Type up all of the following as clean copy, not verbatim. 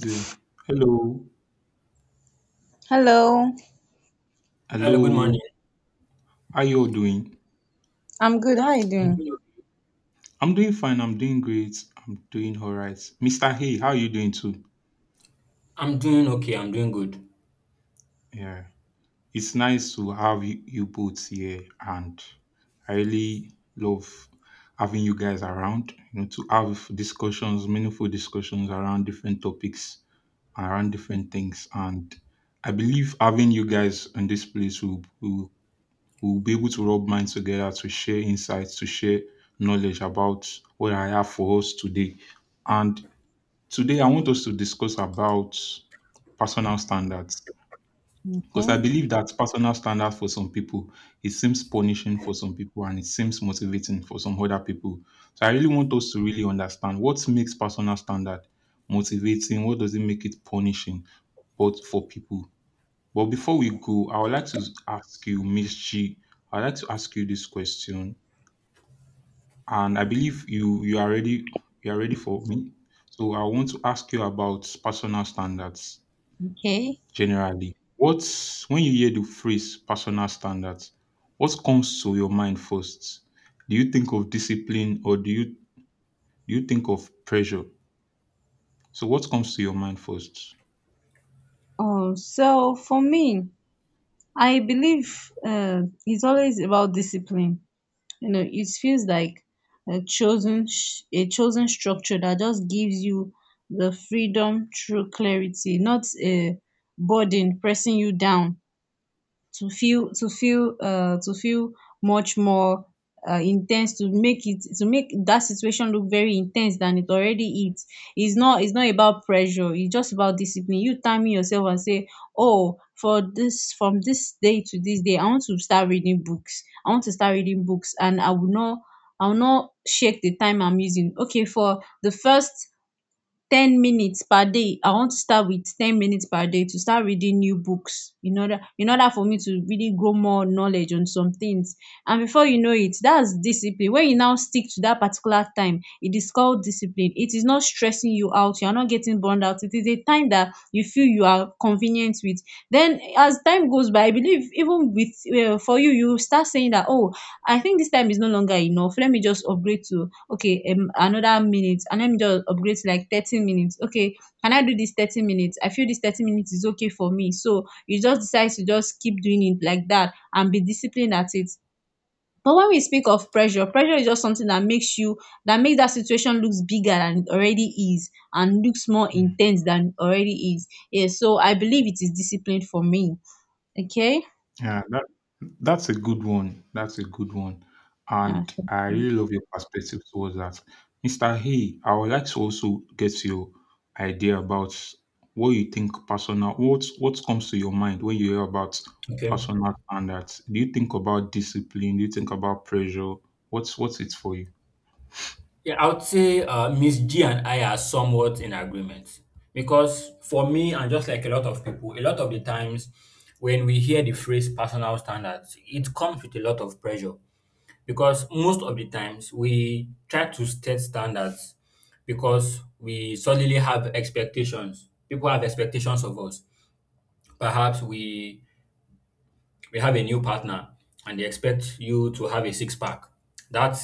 Say, hello, Hello, Hello, good morning. hello. How you all doing? I'm good. How are you I'm doing? doing, I'm doing fine. I'm doing great. I'm doing all right. Mr. Hey, how are you doing too? I'm doing okay. I'm doing good. Yeah, it's nice to have you both here, and I really love having you guys around. You know, to have discussions, meaningful discussions around different topics, around different things, and I believe having you guys in this place will we'll be able to rub minds together to share insights, to share knowledge about what I have for us today. And today I want us to discuss about personal standards. Because I Okay, believe that personal standard for some people, it seems punishing for some people and it seems motivating for some other people. So I really want us to really understand what makes personal standard motivating, what does it make it punishing, both for people. But before we go, I would like to ask you, Miss G, I would like to ask you this question, and I believe you are ready you are ready for me. So I want to ask you about personal standards okay. generally. What's When you hear the phrase personal standards, what comes to your mind first? Do you think of discipline or do you think of pressure? So what comes to your mind first? So for me, I believe it's always about discipline. You know, it feels like a chosen structure that just gives you the freedom through clarity, not a burden pressing you down. To feel much more intense, to make that situation look very intense than it already is. It's not about pressure, it's just about discipline, you timing yourself and say, oh, for this, from this day to this day, I want to start reading books, and I will not, I will not shake the time I'm using. Okay, for the first 10 minutes per day, I want to start with 10 minutes per day to start reading new books in order for me to really grow more knowledge on some things. And before you know it, that's discipline. When you now stick to that particular time, it is called discipline. It is not stressing you out, you are not getting burned out, it is a time that you feel you are convenient with. Then as time goes by, I believe even with for you, you start saying that, oh, I think this time is no longer enough, let me just upgrade to, okay, another minute, and let me just upgrade to like 30 minutes. Okay, can I do this 30 minutes? I feel this 30 minutes is okay for me, so you just decide to just keep doing it like that and be disciplined at it. But when we speak of pressure, pressure is just something that makes you, that makes that situation looks bigger than it already is and looks more intense than it already is. Yeah, so I believe it is discipline for me. Okay, Yeah, that's a good one. That's a good one. yeah, And thank I you. really love your perspective towards that. Mr. Hey, I would like to also get your idea about what you think personal what comes to your mind when you hear about Okay. personal standards. Do you think about discipline? Do you think about pressure? What's it for you? Yeah, I would say Miss G and I are somewhat in agreement because for me and just like a lot of people, a lot of the times when we hear the phrase personal standards, it comes with a lot of pressure because most of the times we try to set standards because we suddenly have expectations. People have expectations of us. Perhaps we have a new partner and they expect you to have a six pack. That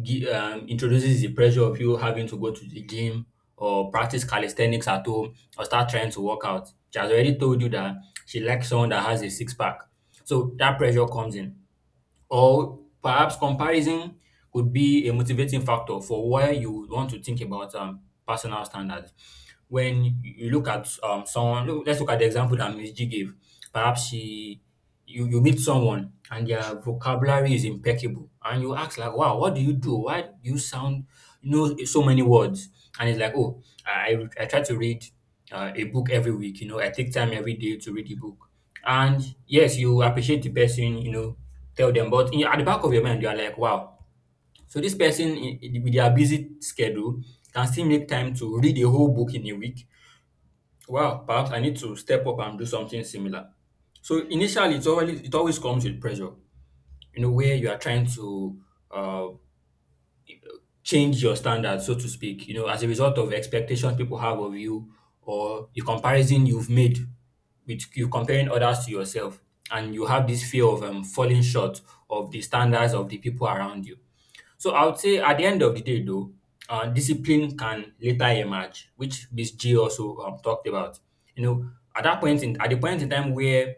introduces the pressure of you having to go to the gym or practice calisthenics at home or start trying to work out. She has already told you that she likes someone that has a six pack. So that pressure comes in. Or perhaps comparison could be a motivating factor for why you would want to think about personal standards. When you look at someone, look, let's look at the example that Miss G gave. Perhaps she, you meet someone and their vocabulary is impeccable, and you ask like, "Wow, what do you do? Why do you sound you know so many words?" And it's like, "Oh, I try to read a book every week. You know, I take time every day to read a book." And yes, you appreciate the person, you know, tell them. But in, your- at the back of your mind, you are like, wow. So this person with their busy schedule can still make time to read a whole book in a week. Wow, perhaps I need to step up and do something similar. So initially, it always comes with pressure. You know where you are trying to uh, change your standards, so to speak. You know, as a result of expectations people have of you or the comparison you've made with you comparing others to yourself, and you have this fear of falling short of the standards of the people around you. So I would say at the end of the day, though, discipline can later emerge, which Miss G also talked about. You know, at the point in time where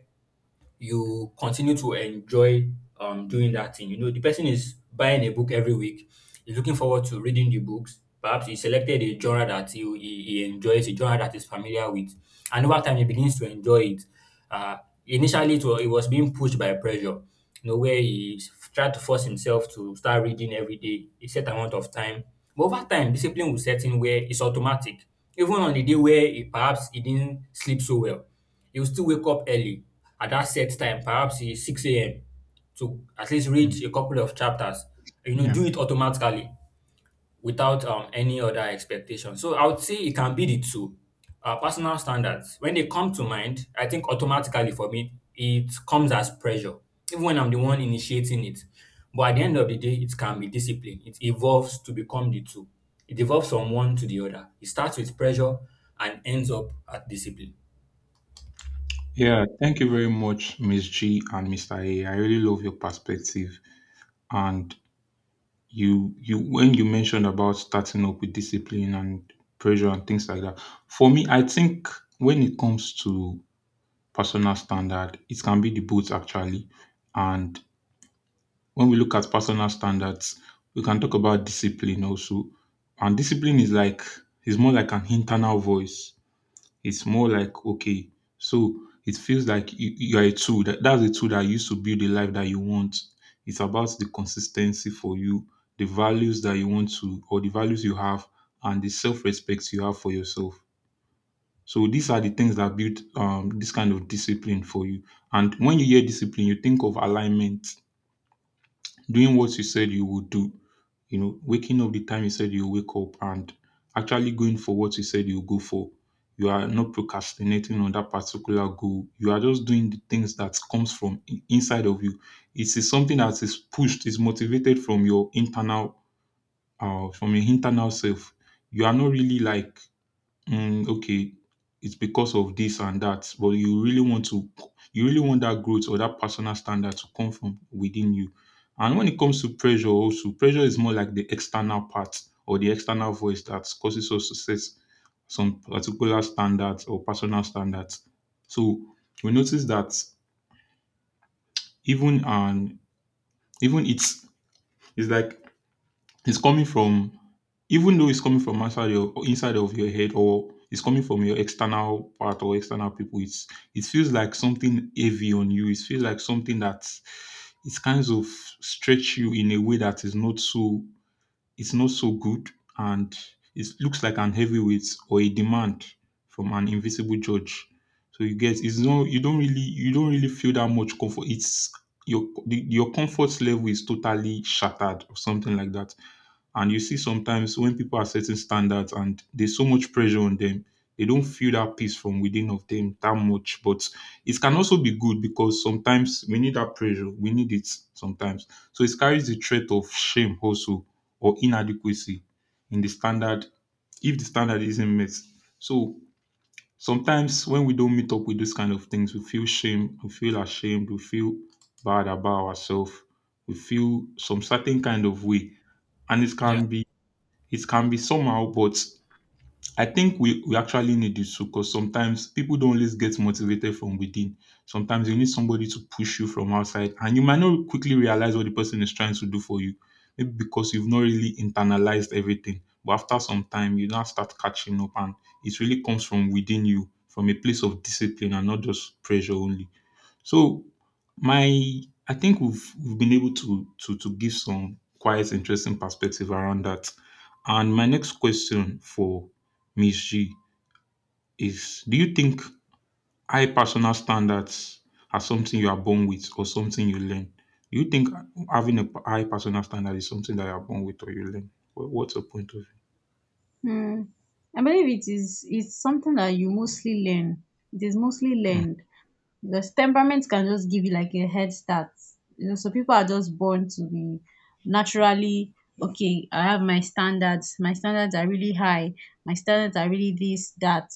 you continue to enjoy doing that thing. You know, the person is buying a book every week, he's looking forward to reading the books. Perhaps he selected a genre that he enjoys, a genre that he's familiar with. And over time, he begins to enjoy it. Uh, Initially, it was being pushed by pressure, you know, where he tried to force himself to start reading every day, a set amount of time. But over time, discipline will set in where it's automatic. Even on the day where he, perhaps he didn't sleep so well, he will still wake up early at that set time, perhaps 6 a.m., to at least read Hmm. a couple of chapters. You know, Yeah. do it automatically without any other expectation. So I would say it can be the two. Personal standards, when they come to mind, I think automatically for me, it comes as pressure, even when I'm the one initiating it. But at the end of the day, it can be discipline. It evolves to become the two. It evolves from one to the other. It starts with pressure and ends up at discipline. Yeah, thank you very much, Miss G and Mr. A. I really love your perspective. And you when you mentioned about starting up with discipline and pressure and things like that, for me I think when it comes to personal standard it can be the both actually. And when we look at personal standards, we can talk about discipline also. And discipline is like, is more like an internal voice. It's more like, okay, so it feels like you're a tool. That's a tool that you use to build the life that you want. It's about the consistency for you, the values that you want to, or the values you have, and the self respect you have for yourself. So these are the things that build this kind of discipline for you. And when you hear discipline, you think of alignment, doing what you said you would do, you know, waking up the time you said you wake up and actually going for what you said you go for. You are not procrastinating on that particular goal. You are just doing the things that comes from inside of you. It is something that is pushed, is motivated from your internal self. You are not really like mm, okay, it's because of this and that, but you really want to you really want that growth or that personal standard to come from within you. And when it comes to pressure also, pressure is more like the external part or the external voice that causes us to set some particular standards or personal standards. So we notice that even and even it's like it's coming from, even though it's coming from outside your inside of your head or it's coming from your external part or external people, it's it feels like something heavy on you. It feels like something that it kind of stretch you in a way that is not so, it's not so good, and it looks like an heavyweight or a demand from an invisible judge. So you get it's no you don't really feel that much comfort. It's Your the, your comfort level is totally shattered or something like that. And you see sometimes when people are setting standards and there's so much pressure on them, they don't feel that peace from within of them that much. But it can also be good because sometimes we need that pressure. We need it sometimes. So it carries the threat of shame also or inadequacy in the standard if the standard isn't met. So sometimes when we don't meet up with those kind of things, we feel shame, we feel ashamed, we feel bad about ourselves, we feel some certain kind of way. And Yeah. It can be somehow, but I think we actually need it too because sometimes people don't always get motivated from within. Sometimes you need somebody to push you from outside, and you might not quickly realize what the person is trying to do for you. Maybe because you've not really internalized everything. But after some time, you now start catching up, and it really comes from within you, from a place of discipline and not just pressure only. So my I think we've been able to to give some quite interesting perspective around that. And my next question for Ms. G is, do you think high personal standards are something you are born with or something you learn? Do you think having a high personal standard is something that you are born with or you learn? What's your point of Hmm. I believe it is It's something that you mostly learn. It is mostly view? learned. Because temperament can just give you like a head start. You know, so people are just born to be naturally, okay, I have my standards. My standards are really high. My standards are really this, that.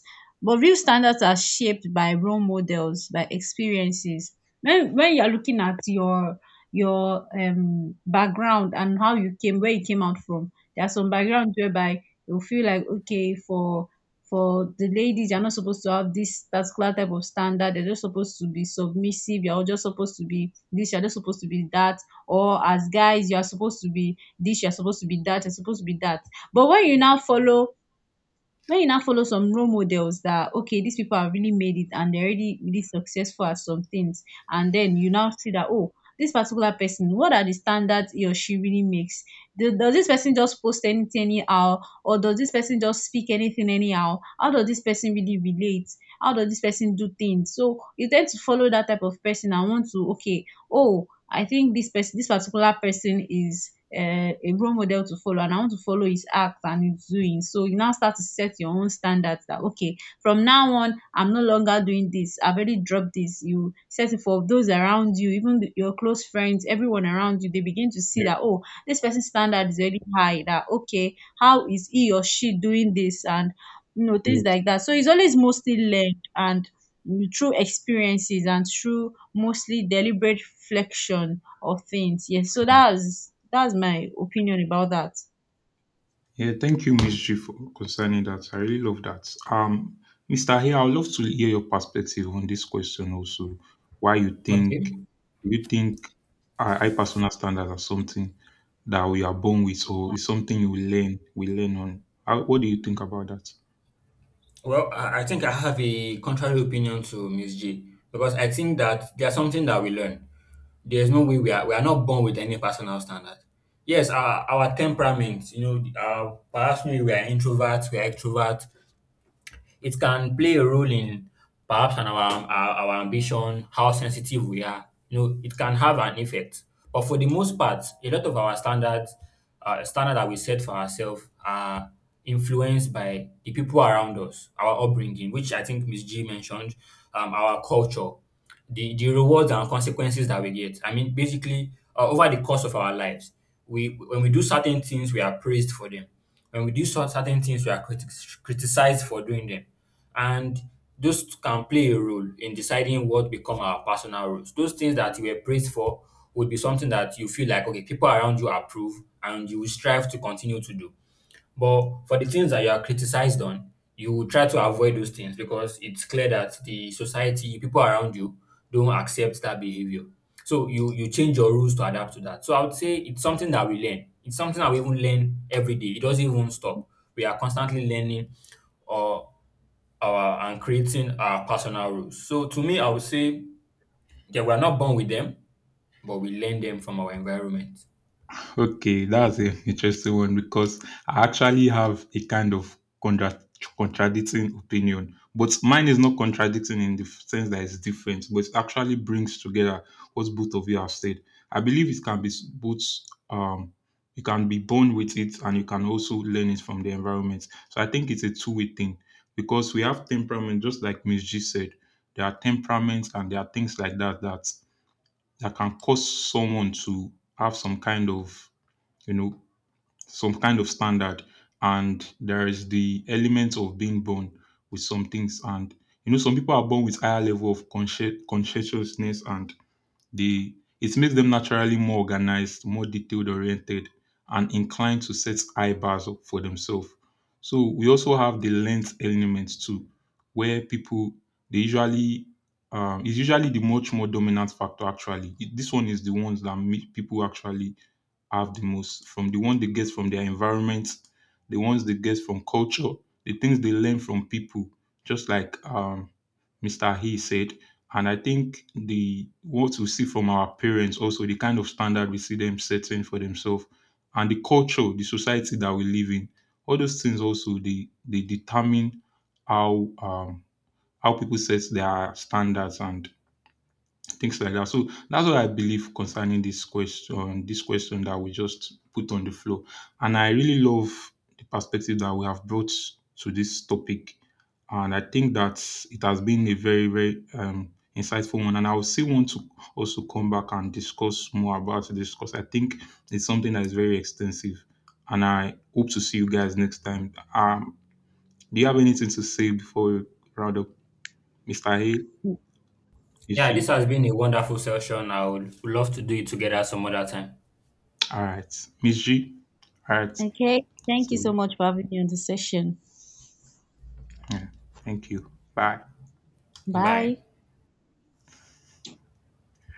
But real standards are shaped by role models, by experiences. When you're looking at your background and how you came, where you came out from, there are some backgrounds whereby you feel like, okay, for the ladies, you're not supposed to have this particular type of standard, you're just supposed to be submissive, you're just supposed to be this, you're just supposed to be that. Or as guys, you are supposed to be this, you're supposed to be that, you're supposed to be that. But when you now follow some role models, that okay, these people have really made it and they're already really successful at some things, and then you now see that, oh, this particular person, what are the standards he or she really makes? Does this person just post anything anyhow, or does this person just speak anything anyhow? How does this person really relate? How does this person do things? So you tend to follow that type of person and want to, okay, oh, I think this person, this particular person, is a role model to follow, and I want to follow his act and his doing. So you now start to set your own standards that, okay, from now on I'm no longer doing this. I've already dropped this. You set it for those around you, even your close friends, everyone around you, they begin to see Mm. that, oh, this person's standard is very high, that okay, how is he or she doing this, and you know, Yeah. things like that. So it's always mostly learned, and mm, through experiences and through mostly deliberate flexion of things. Yes, so that's my opinion about that. Yeah, thank you, Ms. G, for concerning that. I really love that. Mr. Here, I would love to hear your perspective on this question also. Why you think Okay. you think high personal standards are something that we are born with, or is something you learn we learn on? How, what do you think about that? Well, I think I have a contrary opinion to Miss J because I think that there's something that we learn. There's no way we are not born with any personal standard. Yes, our temperament, you know, perhaps maybe we are introverts, we are extroverts, it can play a role in perhaps on our ambition, how sensitive we are. You know, it can have an effect. But for the most part, a lot of standard that we set for ourselves, are influenced by the people around us, our upbringing, which I think Miss G mentioned, our culture, the rewards and consequences that we get. I mean, basically, over the course of our lives, we when we do certain things, we are praised for them. When we do certain things, we are criticized for doing them, and those can play a role in deciding what become our personal roles. Those things that you were praised for would be something that you feel like okay, people around you approve, and you will strive to continue to do. But for the things that you are criticized on, you will try to avoid those things because it's clear that the society, people around you, don't accept that behavior. So you change your rules to adapt to that. So I would say it's something that we learn. It's something that we even learn every day. It doesn't even stop. We are constantly learning or our and creating our personal rules. So to me, I would say yeah, we are not born with them, but we learn them from our environment. Okay, that's an interesting one because I actually have a kind of contra- contradicting opinion, but mine is not contradicting in the sense that it's different, but it actually brings together what both of you have said. I believe it can be both. Um, you can be born with it, and you can also learn it from the environment. So I think it's a two-way thing because we have temperament, just like Miss G said. There are temperaments, and there are things like that that can cause someone to have some kind of, you know, some kind of standard. And there is the element of being born with some things. And, you know, some people are born with higher level of conscientiousness and they, it makes them naturally more organized, more detailed oriented, and inclined to set high bars up for themselves. So we also have the length element too, where people, they usually is usually the much more dominant factor actually. This one is the ones that make people actually have the most from the one they get from their environment, the ones they get from culture, the things they learn from people, just like Mr. He said. And I think the what we see from our parents also, the kind of standard we see them setting for themselves and the culture, the society that we live in, all those things also they determine how um how people set their standards and things like that. So that's what I believe concerning this question that we just put on the floor. And I really love the perspective that we have brought to this topic. And I think that it has been a very, very insightful one. And I will still want to also come back and discuss more about this because I think it's something that is very extensive. And I hope to see you guys next time. Do you have anything to say before we round up, Mr. A, Miss Yeah, this G? has been a wonderful session. I would love to do it together some other time. All right, Miss G. All right. Okay, thank you So so much for having me on the session. yeah, thank you. Bye. Bye. Bye.